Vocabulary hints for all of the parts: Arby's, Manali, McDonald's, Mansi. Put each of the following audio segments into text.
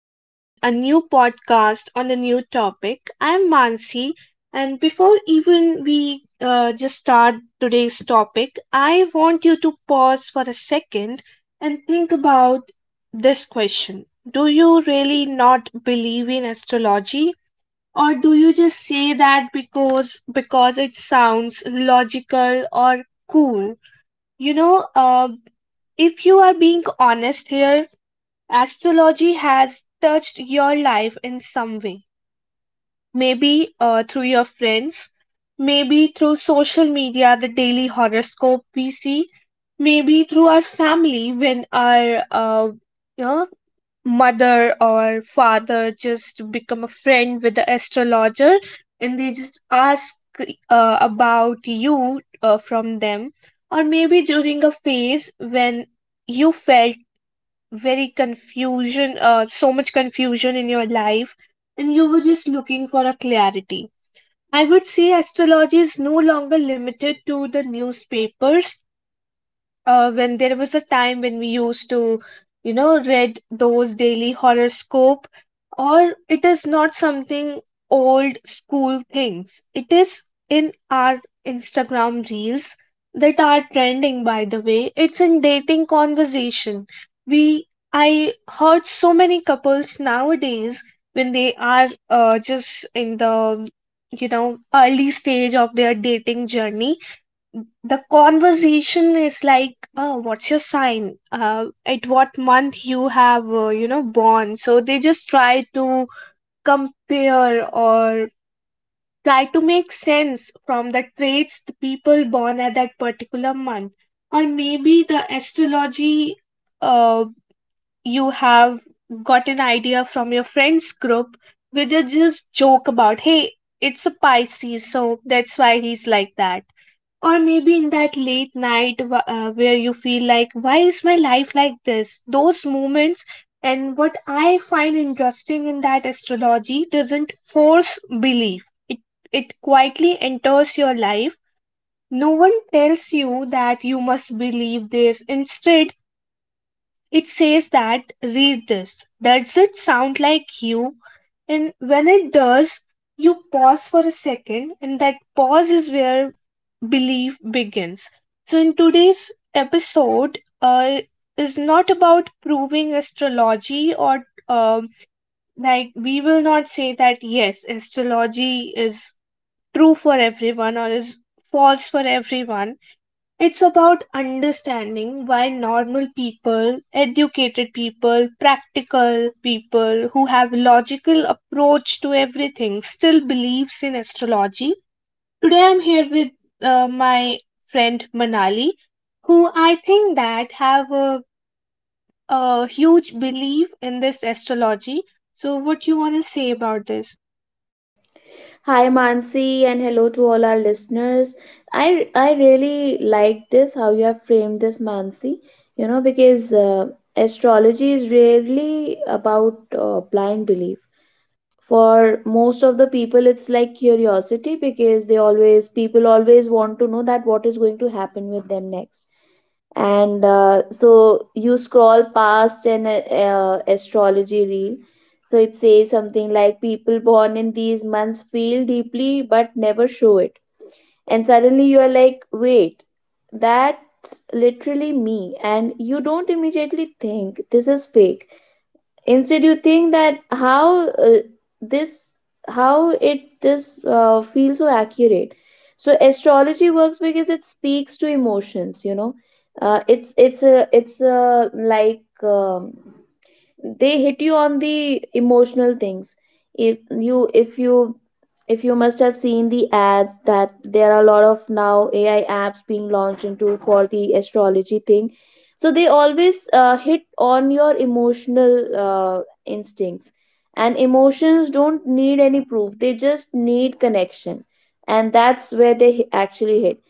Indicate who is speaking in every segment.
Speaker 1: again a new podcast on a new topic. I'm Mansi, and before even we just start today's topic, I want you to pause for a second and think about this question. Do you really not believe in astrology? Or do you just say that because it sounds logical or cool? You know, uh, if you are being honest here, astrology has touched your life in some way. Maybe through your friends, maybe through social media, the daily horoscope we see, maybe through our family when our you know, mother or father just become a friend with the astrologer and they just ask about you from them, or maybe during a phase when you felt very confusion, so much confusion in your life, and you were just looking for a clarity. I would say astrology is no longer limited to the newspapers. When there was a time when we used to, you know, read those daily horoscope, or it is not something old school things. It is in our Instagram reels that are trending, by the way. It's in dating conversation. We i heard so many couples nowadays, when they are just in the, you know, early stage of their dating journey, the conversation is like, oh, what's your sign, at what month you have, born. So they just try to compare, or try to make sense from the traits the people born at that particular month. Or maybe the astrology, uh, you have got an idea from your friends group where they just joke about, hey, it's a Pisces, so that's why he's like that. Or maybe in that late night where you feel like, why is my life like this? Those moments. And what I find interesting in that astrology doesn't force belief. It quietly enters your life. No one tells you that you must believe this. Instead, it says that read this. Does it sound like you? And when it does, you pause for a second, and that pause is where belief begins. So, in today's episode, is not about proving astrology, or like we will not say that yes, astrology is true for everyone or is false for everyone. It's about understanding why normal people, educated people, practical people who have logical approach to everything still believes in astrology. Today I'm here with my friend Manali who I think that have a huge belief in this astrology. So what you want to say about this?
Speaker 2: Hi Mansi and hello to all our listeners. I really like this how you have framed this, Mansi, you know, because astrology is rarely about blind belief. For most of the people it's like curiosity because they always people always want to know that what is going to happen with them next, and so you scroll past an astrology reel, so it says something like people born in these months feel deeply but never show it, and suddenly you are like, wait, that's literally me, and you don't immediately think this is fake. Instead you think that how this how it this feels so accurate. So astrology works because it speaks to emotions, you know. It's a, like They hit you on the emotional things. if you if you if you must have seen the ads, that there are a lot of now ai apps being launched into for the astrology thing, so they always hit on your emotional instincts. And emotions don't need any proof, they just need connection, and that's where they actually hit.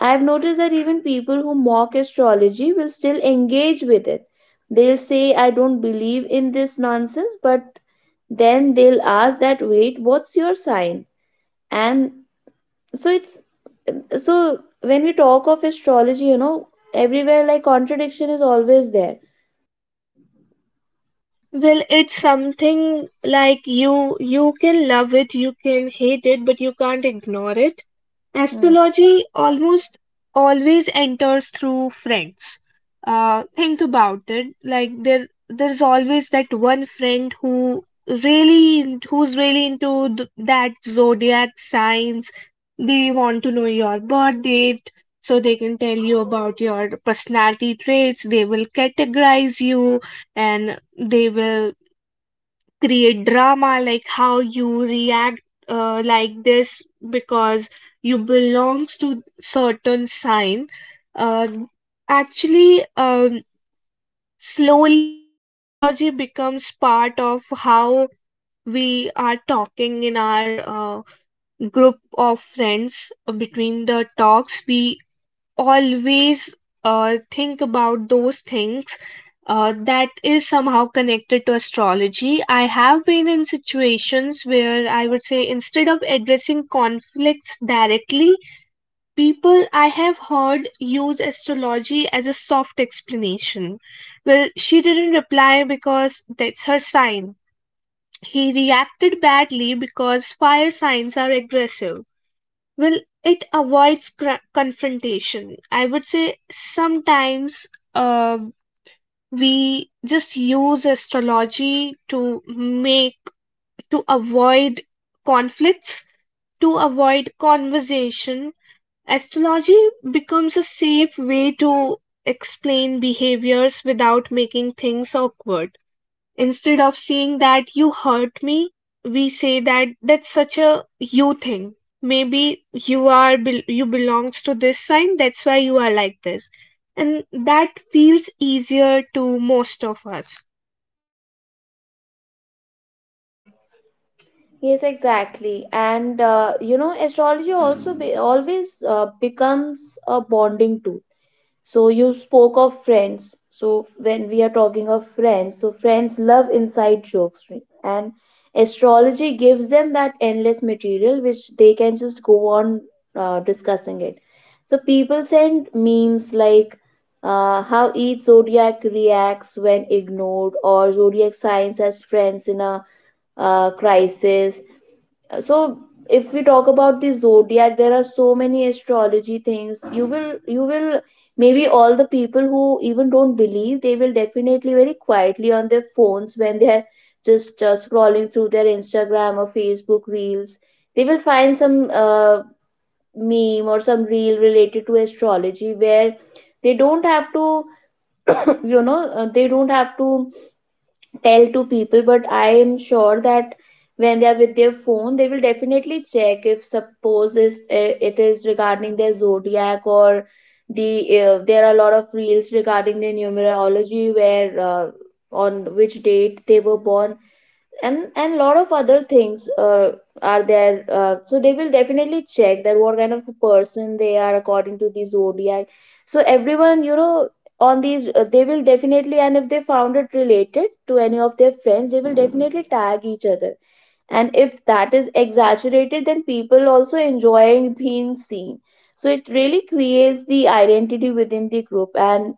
Speaker 2: I've noticed that even people who mock astrology will still engage with it. They'll say, I don't believe in this nonsense, but then they'll ask that, wait, what's your sign? And so it's so when we talk of astrology, you know, everywhere like contradiction is always there.
Speaker 1: Well, it's something like you can love it, you can hate it, but you can't ignore it.
Speaker 2: Mm.
Speaker 1: Astrology almost always enters through friends. Uh, think about it, like there's always that one friend who really, who's really into that zodiac signs. They want to know your birth date so they can tell you about your personality traits. They will categorize you, and they will create drama, like how you react, like this, because you belongs to certain sign. Uh, actually, um, Slowly astrology becomes part of how we are talking in our group of friends. Between the talks, we always think about those things that is somehow connected to astrology. I have been in situations where I would say instead of addressing conflicts directly, people I have heard use astrology as a soft explanation. Well, she didn't reply because that's her sign. He reacted badly because fire signs are aggressive. Well, it avoids confrontation. I would say sometimes um we just use astrology to make, to avoid conflicts, to avoid conversation. Astrology becomes a safe way to explain behaviors without making things awkward. Instead of saying that you hurt me, we say that that's such a you thing. Maybe you are you belongs to this sign, that's why you are like this. And that feels easier to most of us.
Speaker 2: Yes, exactly. And you know, astrology always becomes a bonding tool. So you spoke of friends. So when we are talking of friends, so friends love inside jokes, right? And astrology gives them that endless material which they can just go on discussing. It. So people send memes like how each zodiac reacts when ignored, or zodiac signs as friends in a crisis. So if we talk about the zodiac, there are so many astrology things you will maybe, all the people who even don't believe, they will definitely very quietly on their phones, when they are just scrolling through their instagram or facebook reels, they will find some meme or some reel related to astrology, where they don't have to you know, they don't have to tell to people, but I am sure that when they are with their phone, they will definitely check if, suppose, if, eh, it is regarding their zodiac, or there are a lot of reels regarding their numerology, where on which date they were born, and lot of other things are there. So they will definitely check that what kind of a person they are according to the zodiac. So everyone, you know, on these, they will definitely, and if they found it related to any of their friends, they will definitely tag each other. And if that is exaggerated, then people also enjoying being seen. So it really creates the identity within the group, and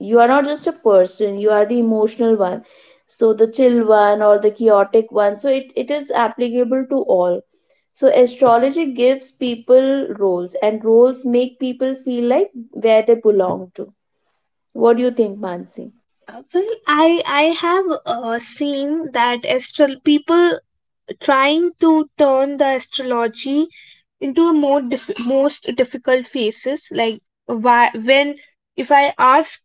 Speaker 2: you are not just a person, you are the emotional one, the chill one, or the chaotic one. So it is applicable to all. So astrology gives people roles, and roles make people feel like where they belong to. What do you think, Mansi?
Speaker 1: Well, I have seen that astral people trying to turn the astrology into a more most difficult phases. Like why, when, if I ask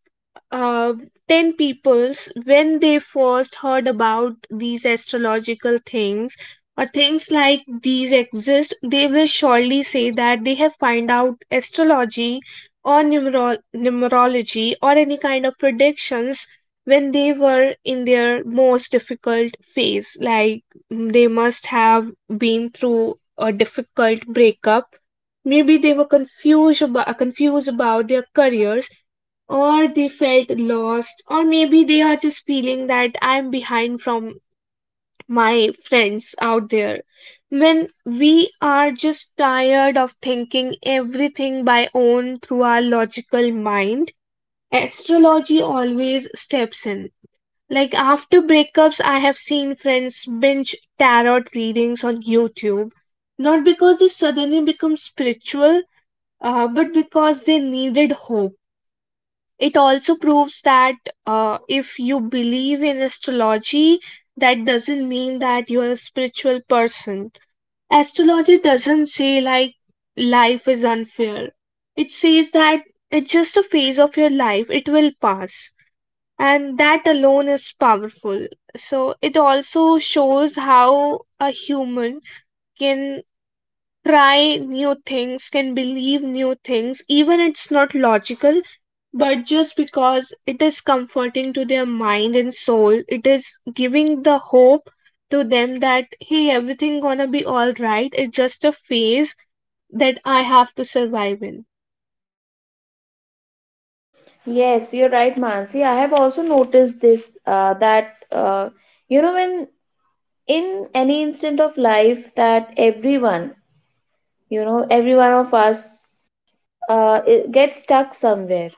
Speaker 1: uh, 10 peoples when they first heard about these astrological things, or things like these exist, they will surely say that they have find out astrology or numerology or any kind of predictions when they were in their most difficult phase. Like they must have been through a difficult breakup. Maybe they were confused about their careers, or they felt lost, or maybe they are just feeling that I'm behind from my friends out there. When we are just tired of thinking everything by own through our logical mind, astrology always steps in. Like after breakups, I have seen friends binge tarot readings on YouTube, not because they suddenly become spiritual, but because they needed hope. It also proves that if you believe in astrology, that doesn't mean that you are a spiritual person. Astrology doesn't say like life is unfair, it says that it's just a phase of your life, it will pass, and that alone is powerful. So it also shows how a human can try new things, can believe new things, even it's not logical, but just because it is comforting to their mind and soul, it is giving the hope to them that hey, everything gonna be all right. It's just a phase that I have to survive in.
Speaker 2: Yes, you're right, Mansi. I have also noticed this, that you know, when in any instant of life, that everyone you know every one of us, it gets stuck somewhere.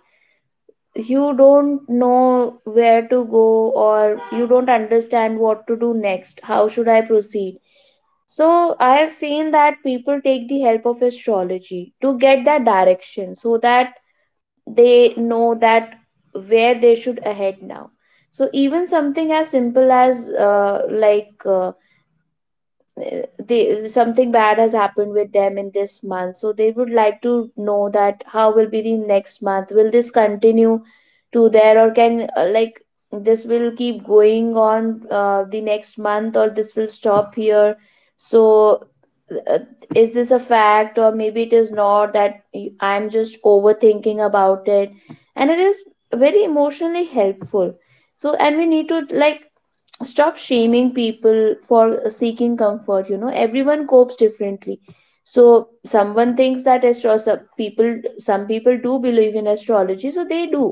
Speaker 2: You don't know where to go, or you don't understand what to do next, how should I proceed. So I have seen that people take the help of astrology to get that direction, so that they know that where they should head now. So even something as simple as they, something bad has happened with them in this month, so they would like to know that how will be the next month, will this continue to there, or can, this will keep going on the next month, or this will stop here. So uh, is this a fact, or maybe it is not, that I'm just overthinking about it. And it is very emotionally helpful. So, and we need to like stop shaming people for seeking comfort. You know, everyone copes differently. So someone thinks that astro some people, some people do believe in astrology, so they do.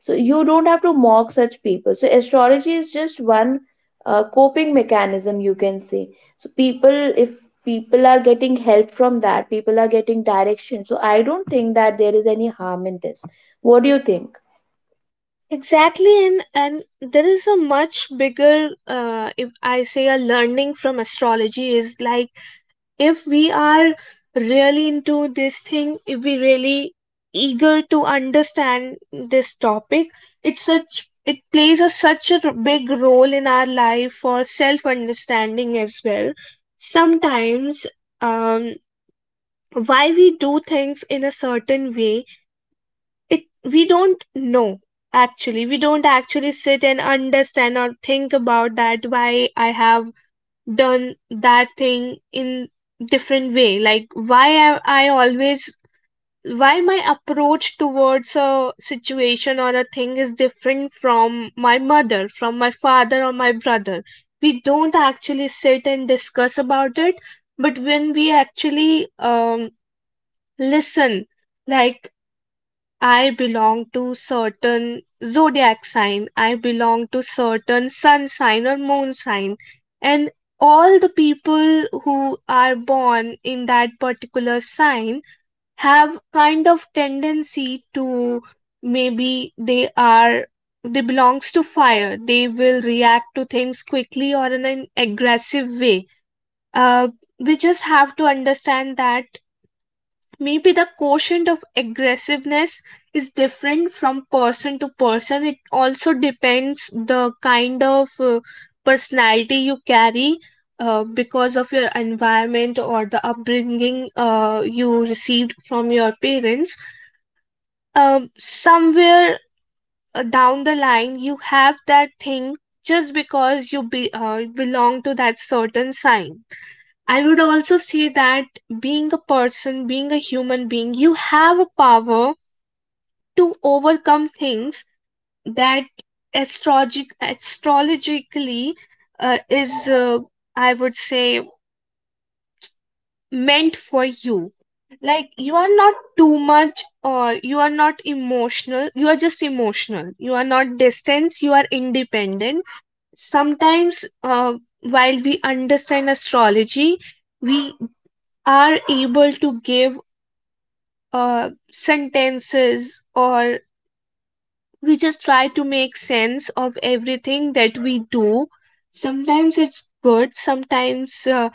Speaker 2: So you don't have to mock such people. So astrology is just one coping mechanism, you can say. So people if people are getting help from that, people are getting direction, so I don't think that there is any harm in this. What do you think?
Speaker 1: Exactly, and there is a much bigger, if I say, a learning from astrology, is like if we are really into this thing, if we really eager to understand this topic, it's such it plays a such a big role in our life for self understanding as well. Sometimes, um, why we do things in a certain way, it we don't know. Actually we don't actually sit and understand or think about that why I have done that thing in different way. Like why am I always why my approach towards a situation or a thing is different from my mother, from my father, or my brother. We don't actually sit and discuss about it. But when we actually listen, like I belong to certain zodiac sign, I belong to certain sun sign or moon sign, and all the people who are born in that particular sign have kind of tendency to, maybe they are, they belongs to fire, they will react to things quickly or in an aggressive way. uh, we just have to understand that maybe the quotient of aggressiveness is different from person to person. It also depends the kind of personality you carry because of your environment or the upbringing you received from your parents. Um, somewhere down the line, you have that thing just because you belong to that certain sign. I would also say that being a person, being a human being, you have a power to overcome things that astrologically uh, is, uh, I would say, meant for you. Like, you are not too much, or you are not emotional. You are just emotional. You are not distance. You are independent. Sometimes, while we understand astrology, we are able to give sentences, or we just try to make sense of everything that we do. Sometimes it's good, sometimes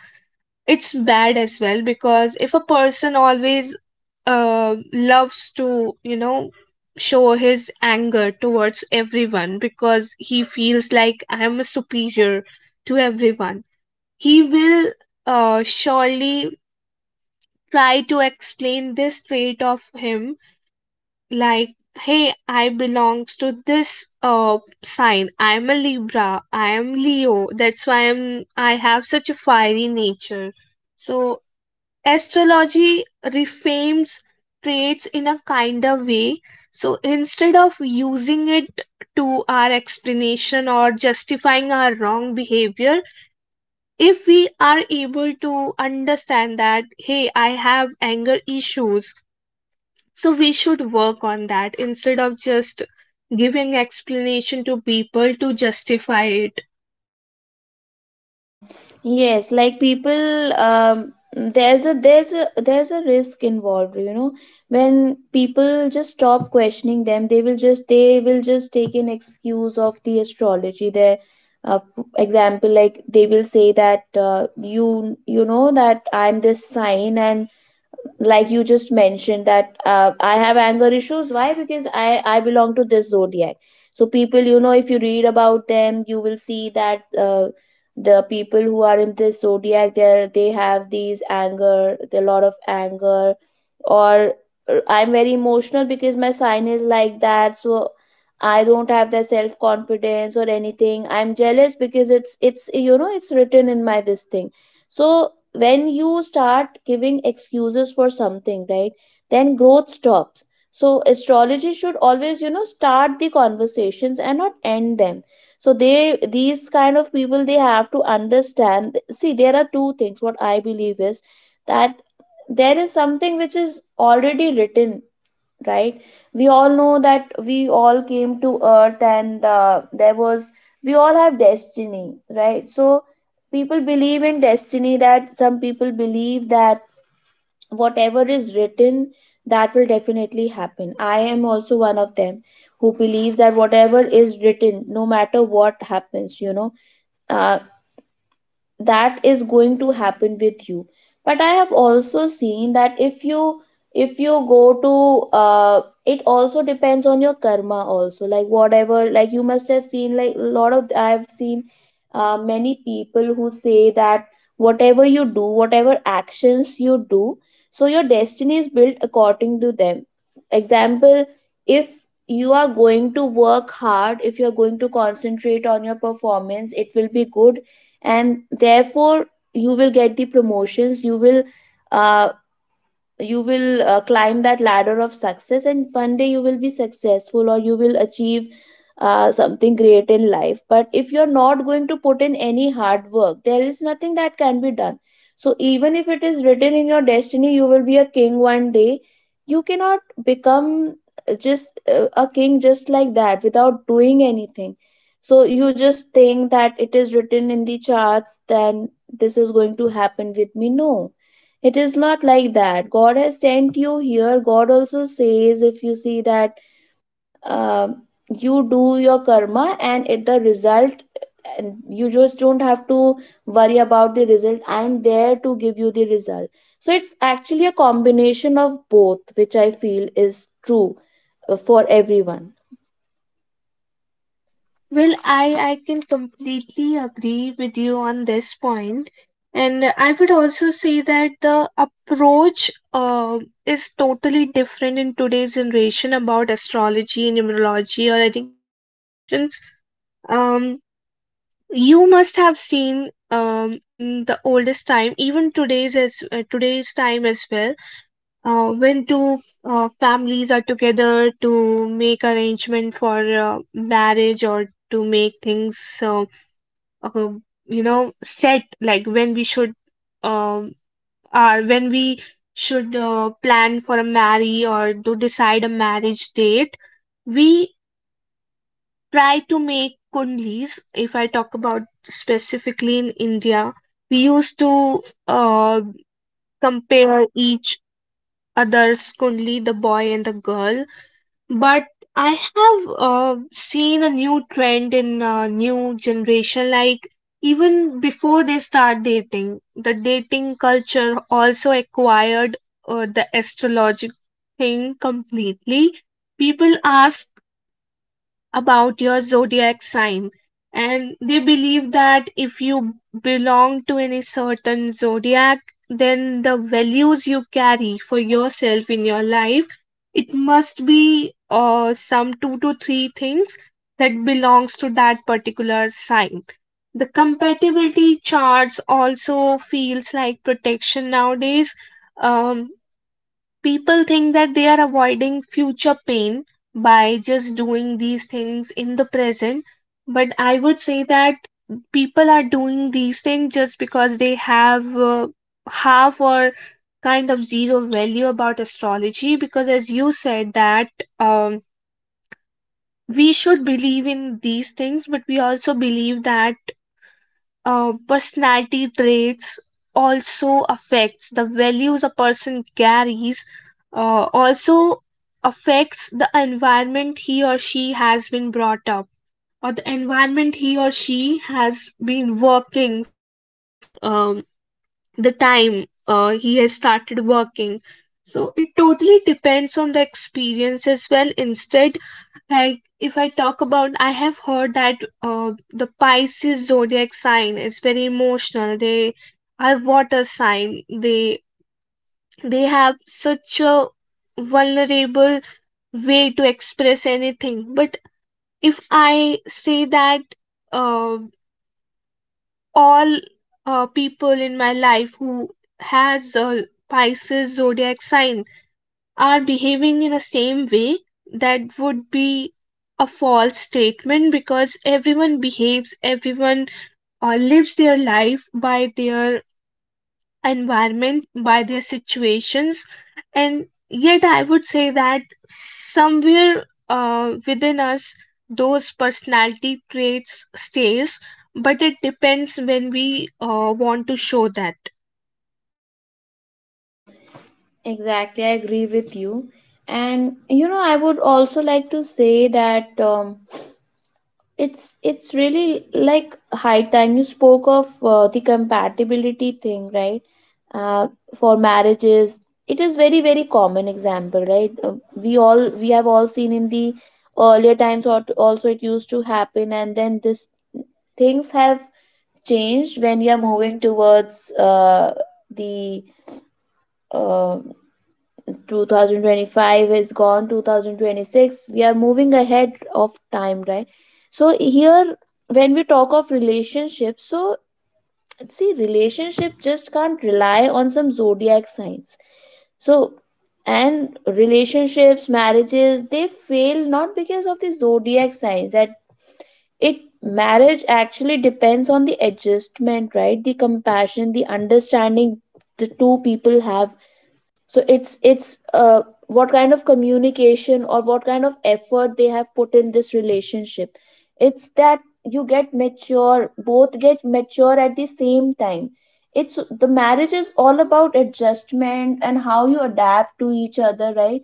Speaker 1: it's bad as well. Because if a person always loves to, you know, show his anger towards everyone because he feels like I am a superior to everyone, he will surely try to explain this trait of him. Like, hey, I belongs to this sign, I'm a Libra, I am Leo, that's why I have such a fiery nature. So astrology reframes traits in a kinder way. So instead of using it to our explanation or justifying our wrong behavior, if we are able to understand that hey, I have anger issues, so we should work on that instead of just giving explanation to people to justify it.
Speaker 2: Yes, like people, there's a there's a risk involved, you know. When people just stop questioning them, they will just, they will just take an excuse of the astrology. Their uh, example, like they will say that, you you know that I'm this sign, and like you just mentioned that, I have anger issues, why, because i belong to this zodiac. So people, you know, if you read about them, you will see that the people who are in this zodiac, they have these anger, a lot of anger, or I'm very emotional because my sign is like that, so I don't have that self confidence or anything, I'm jealous because it's you know, it's written in my this thing. So when you start giving excuses for something, right, then growth stops. So astrology should always, you know, start the conversations and not end them. So they, these kind of people, they have to understand. See, there are two things what I believe is that there is something which is already written, right? We all know that we all came to earth, and there was we all have destiny, right? So people believe in destiny, that some people believe that whatever is written, that will definitely happen. I am also one of them, who believes that whatever is written, no matter what happens, you know, uh, that is going to happen with you. But I have also seen that if you, if you go to, it also depends on your karma also, like whatever, like you must have seen, like a lot of, I have seen many people who say that whatever you do, whatever actions you do, so your destiny is built according to them. Example, if you are going to work hard, if you are going to concentrate on your performance, it will be good, and therefore you will get the promotions, uh, you will climb that ladder of success, and one day you will be successful, or you will achieve something great in life. But if you're not going to put in any hard work, there is nothing that can be done. So even if it is written in your destiny you will be a king one day, you cannot become just a king just like that without doing anything. So you just think that it is written in the charts, then this is going to happen with me. No, it is not like that. God has sent you here. God also says, if you see that, uh, you do your karma and it the result, and you just don't have to worry about the result. I'm there to give you the result. So it's actually a combination of both, which I feel is true for everyone.
Speaker 1: Well, i can completely agree with you on this point. And I would also say that the approach is totally different in today's generation about astrology, numerology, or any kind of predictions. Um, you must have seen, in the oldest time, even today's time as well, when two families are together to make arrangement for marriage, or to make things uh, uh, you know, set, like when we should um are when we should plan for a marry, or to decide a marriage date, we try to make kundlis. If I talk about specifically in India, we used to uh, compare each other's kundli, the boy and the girl. But I have seen a new trend in new generation, like even before they start dating, the dating culture also acquired the astrologic thing completely. People ask about your zodiac sign, and they believe that if you belong to any certain zodiac, then the values you carry for yourself in your life, it must be some two to three things that belongs to that particular sign. The compatibility charts also feels like protection nowadays. um, People think that they are avoiding future pain by just doing these things in the present, but I would say that people are doing these things just because they have half or kind of zero value about astrology, because as you said that, um, we should believe in these things, but we also believe that personality traits also affects the values a person carries, also affects the environment he or she has been brought up, or the environment he or she has been working from, um, the time he has started working. So it totally depends on the experience as well instead. Like, if I talk about, I have heard that uh, the Pisces zodiac sign is very emotional, they are water sign, they they have such a vulnerable way to express anything. But if I say that uh, all people in my life who has a Pisces zodiac sign are behaving in a same way, that would be a false statement, because everyone behaves, everyone lives their life by their environment, by their situations. And yet I would say that somewhere within us, those personality traits stays, but it depends when we want to show that.
Speaker 2: Exactly, I agree with you. And you know, I would also like to say that. It's really like high time. You spoke of the compatibility thing, right? Uh, for marriages, it is very very common example, right? We have all seen in the earlier times, or also it used to happen, and then this things have changed when you are moving towards the uh, 2025 is gone, 2026, we are moving ahead of time, right? So here when we talk of relationships, so see, relationship just can't rely on some zodiac signs. So, and relationships, marriages, they fail not because of the zodiac signs, that it, marriage actually depends on the adjustment, right? The compassion, the understanding the two people have. So it's what kind of communication or what kind of effort they have put in this relationship. It's that you get mature, both get mature at the same time. It's, the marriage is all about adjustment and how you adapt to each other, right?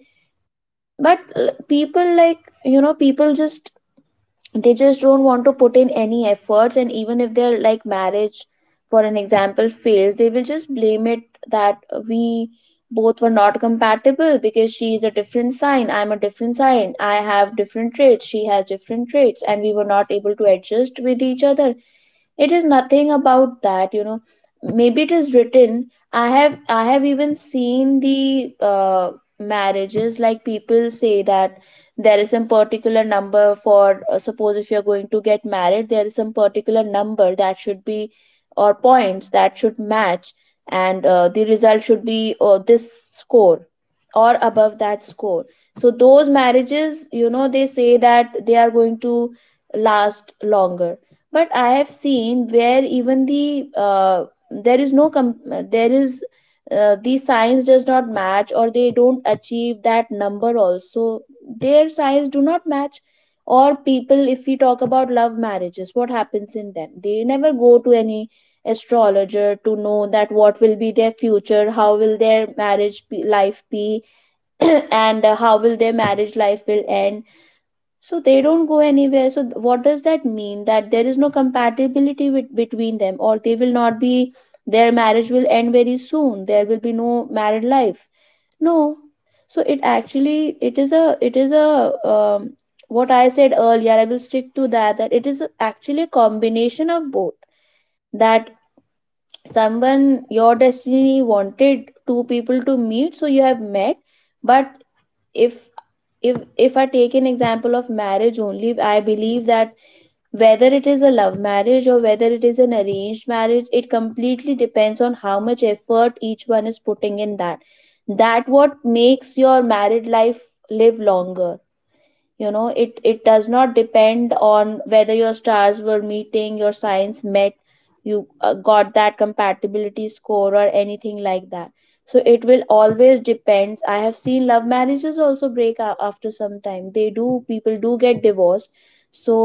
Speaker 2: But people, like, you know, people just, they just don't want to put in any efforts, and even if their, like, marriage, for an example, fails, they will just blame it that we both were not compatible because she is a different sign, I'm a different sign, I have different traits, she has different traits, and we were not able to adjust with each other. It is nothing about that, you know. Maybe it is written. I have even seen the marriages, like people say that there is some particular number for suppose if you are going to get married, there is some particular number that should be, or points that should match, and the result should be this score or above that score. So those marriages, you know, they say that they are going to last longer. But I have seen where even the there is no com- there is, the science does not match, or they don't achieve that number also, their science do not match. Or people, if we talk about love marriages, what happens in them, they never go to any astrologer to know that what will be their future, how will their marriage be, life be, and how will their marriage life will end. So they don't go anywhere. So what does that mean? That there is no compatibility with, between them, or they will not be, their marriage will end very soon. There will be no married life. No. So it actually, it is a, what I said earlier, I will stick to that, that it is actually a combination of both. That someone, your destiny wanted two people to meet, so you have met. But if, if I take an example of marriage only, I believe that whether it is a love marriage or whether it is an arranged marriage, it completely depends on how much effort each one is putting in that, that what makes your married life live longer. You know, it does not depend on whether your stars were meeting, your signs met, you got that compatibility score or anything like that. So it will always depends. I have seen love marriages also break up after some time, they do, people do get divorced. So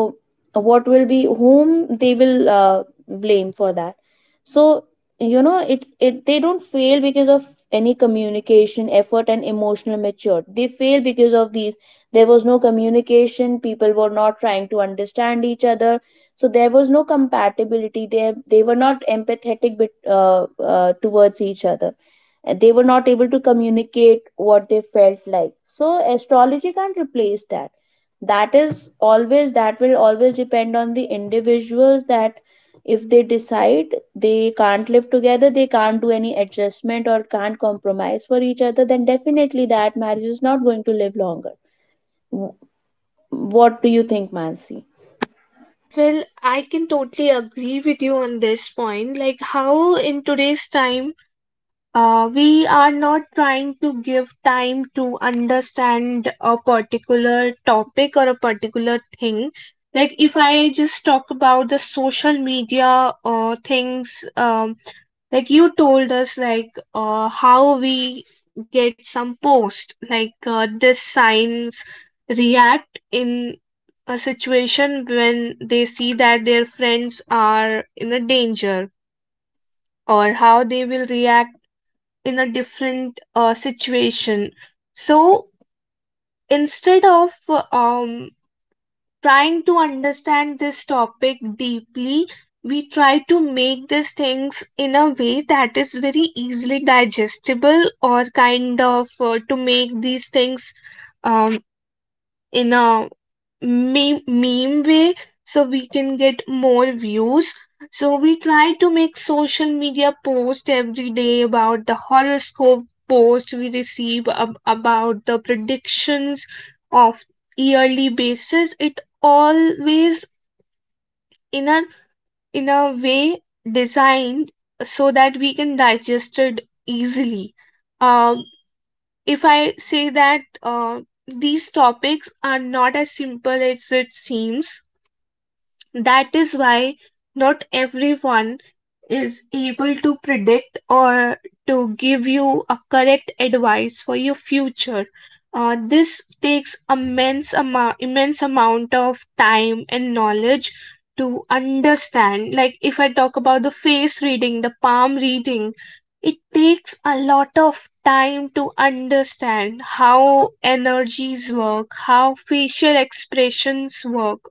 Speaker 2: what will be, whom they will blame for that? So, you know, it, they don't fail because of any communication effort and emotional mature. They fail because of these: there was no communication, people were not trying to understand each other, so there was no compatibility. They were not empathetic, towards each other, and they were not able to communicate what they felt like. So astrology can't replace that. That is always, that will always depend on the individuals, that if they decide they can't live together, they can't do any adjustment or can't compromise for each other, then definitely that marriage is not going to live longer. What do you think, Mansi?
Speaker 1: Well, I can totally agree with you on this point. Like, how in today's time, we are not trying to give time to understand a particular topic or a particular thing. Like, if I just talk about the social media things, like you told us, like, how we get some post, like, this science react in a situation when they see that their friends are in a danger, or how they will react in a different situation. So, instead of trying to understand this topic deeply, we try to make these things in a way that is very easily digestible, or kind of, to make these things um, in a meme way, so we can get more views. So we try to make social media post every day about the horoscope post we receive about the predictions of yearly basis. It always, in a, in a way, designed so that we can digest it easily. Um, if I say that these topics are not as simple as it seems, that is why not everyone is able to predict, or to give you a correct advice for your future. This takes immense amount of time and knowledge to understand. Like, if I talk about the face reading, the palm reading, it takes a lot of time to understand how energies work, how facial expressions work.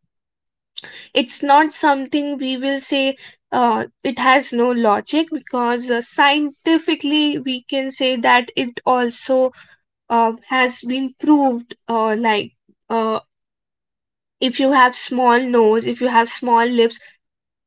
Speaker 1: It's not something we will say it has no logic, because scientifically we can say that it also has been proved, like, uh, if you have small nose, if you have small lips,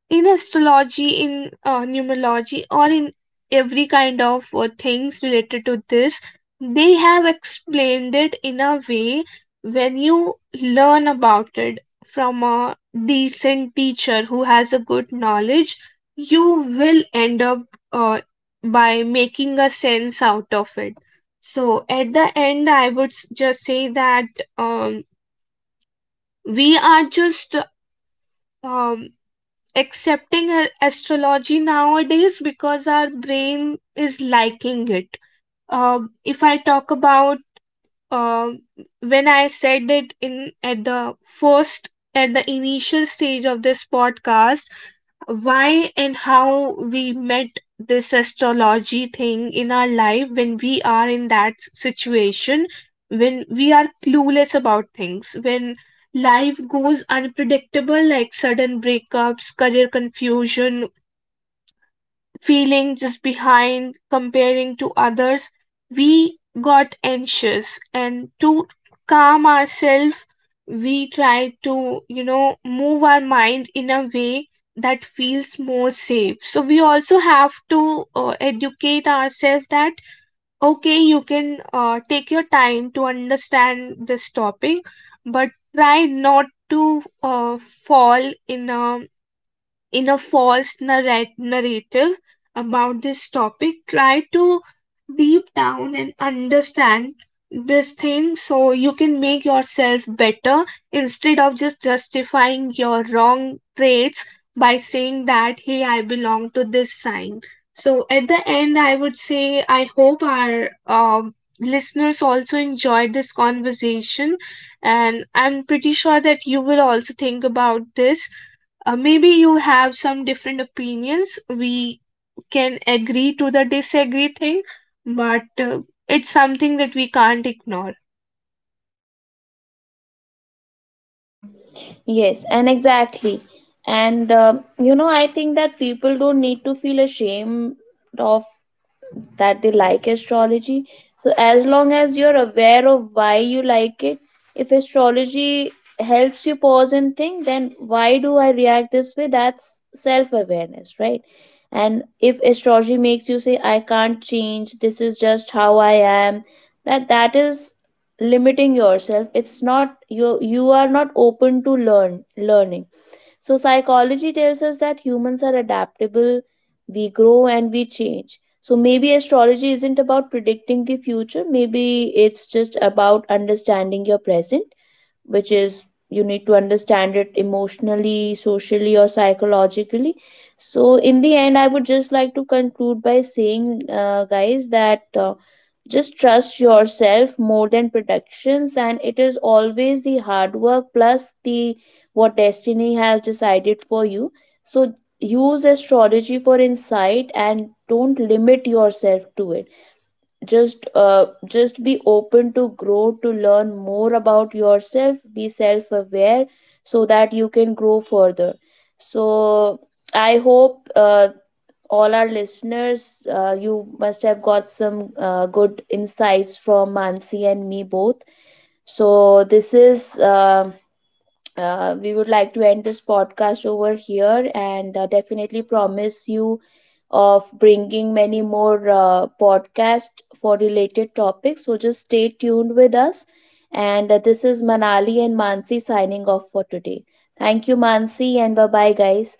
Speaker 1: in astrology, in numerology, or in every kind of things related to this, they have explained it in a way. When you learn about it from a decent teacher who has a good knowledge, you will end up uh, by making a sense out of it. So at the end, I would just say that um, we are just um, accepting astrology nowadays because our brain is liking it. If I talk about, um, when I said it in, at the first, at the initial stage of this podcast, why and how we met this astrology thing in our life, when we are in that situation, when we are clueless about things, when life goes unpredictable, like sudden breakups, career confusion, feeling just behind comparing to others, we got anxious, and to calm ourselves, we try to, you know, move our mind in a way that feels more safe. So we also have to educate ourselves that, okay, you can take your time to understand this topic, but try not to uh, fall in a, in a false narrative about this topic. Try to deep down and understand this thing so you can make yourself better, instead of just justifying your wrong traits by saying that, hey, I belong to this sign. So at the end, I would say, I hope our listeners also enjoyed this conversation, and I'm pretty sure that you will also think about this. Uh, maybe you have some different opinions. We can agree to the disagree thing, but it's something that we can't ignore.
Speaker 2: Yes, and exactly. And you know, I think that people don't need to feel ashamed of that they like astrology. So, as long as you're aware of why you like it, if astrology helps you pause and think, then why do I react this way? That's self awareness, right? And if astrology makes you say, I can't change, this is just how I am, that is limiting yourself. It's not you, you are not open to learning. So, psychology tells us that humans are adaptable, we grow and we change. So, maybe astrology isn't about predicting the future, maybe it's just about understanding your present, which is you need to understand it emotionally, socially, or psychologically. So, in the end, I would just like to conclude by saying, guys, that just trust yourself more than predictions, and it is always the hard work plus the what destiny has decided for you. So, use astrology for insight and don't limit yourself to it. Just be open to grow, to learn more about yourself, be self aware, so that you can grow further. So I hope all our listeners, you must have got some good insights from Mansi and me both. So this is we would like to end this podcast over here, and definitely promise you of bringing many more podcasts for related topics. So just stay tuned with us. And this is Manali and Mansi signing off for today. Thank you, Mansi, and bye bye, guys.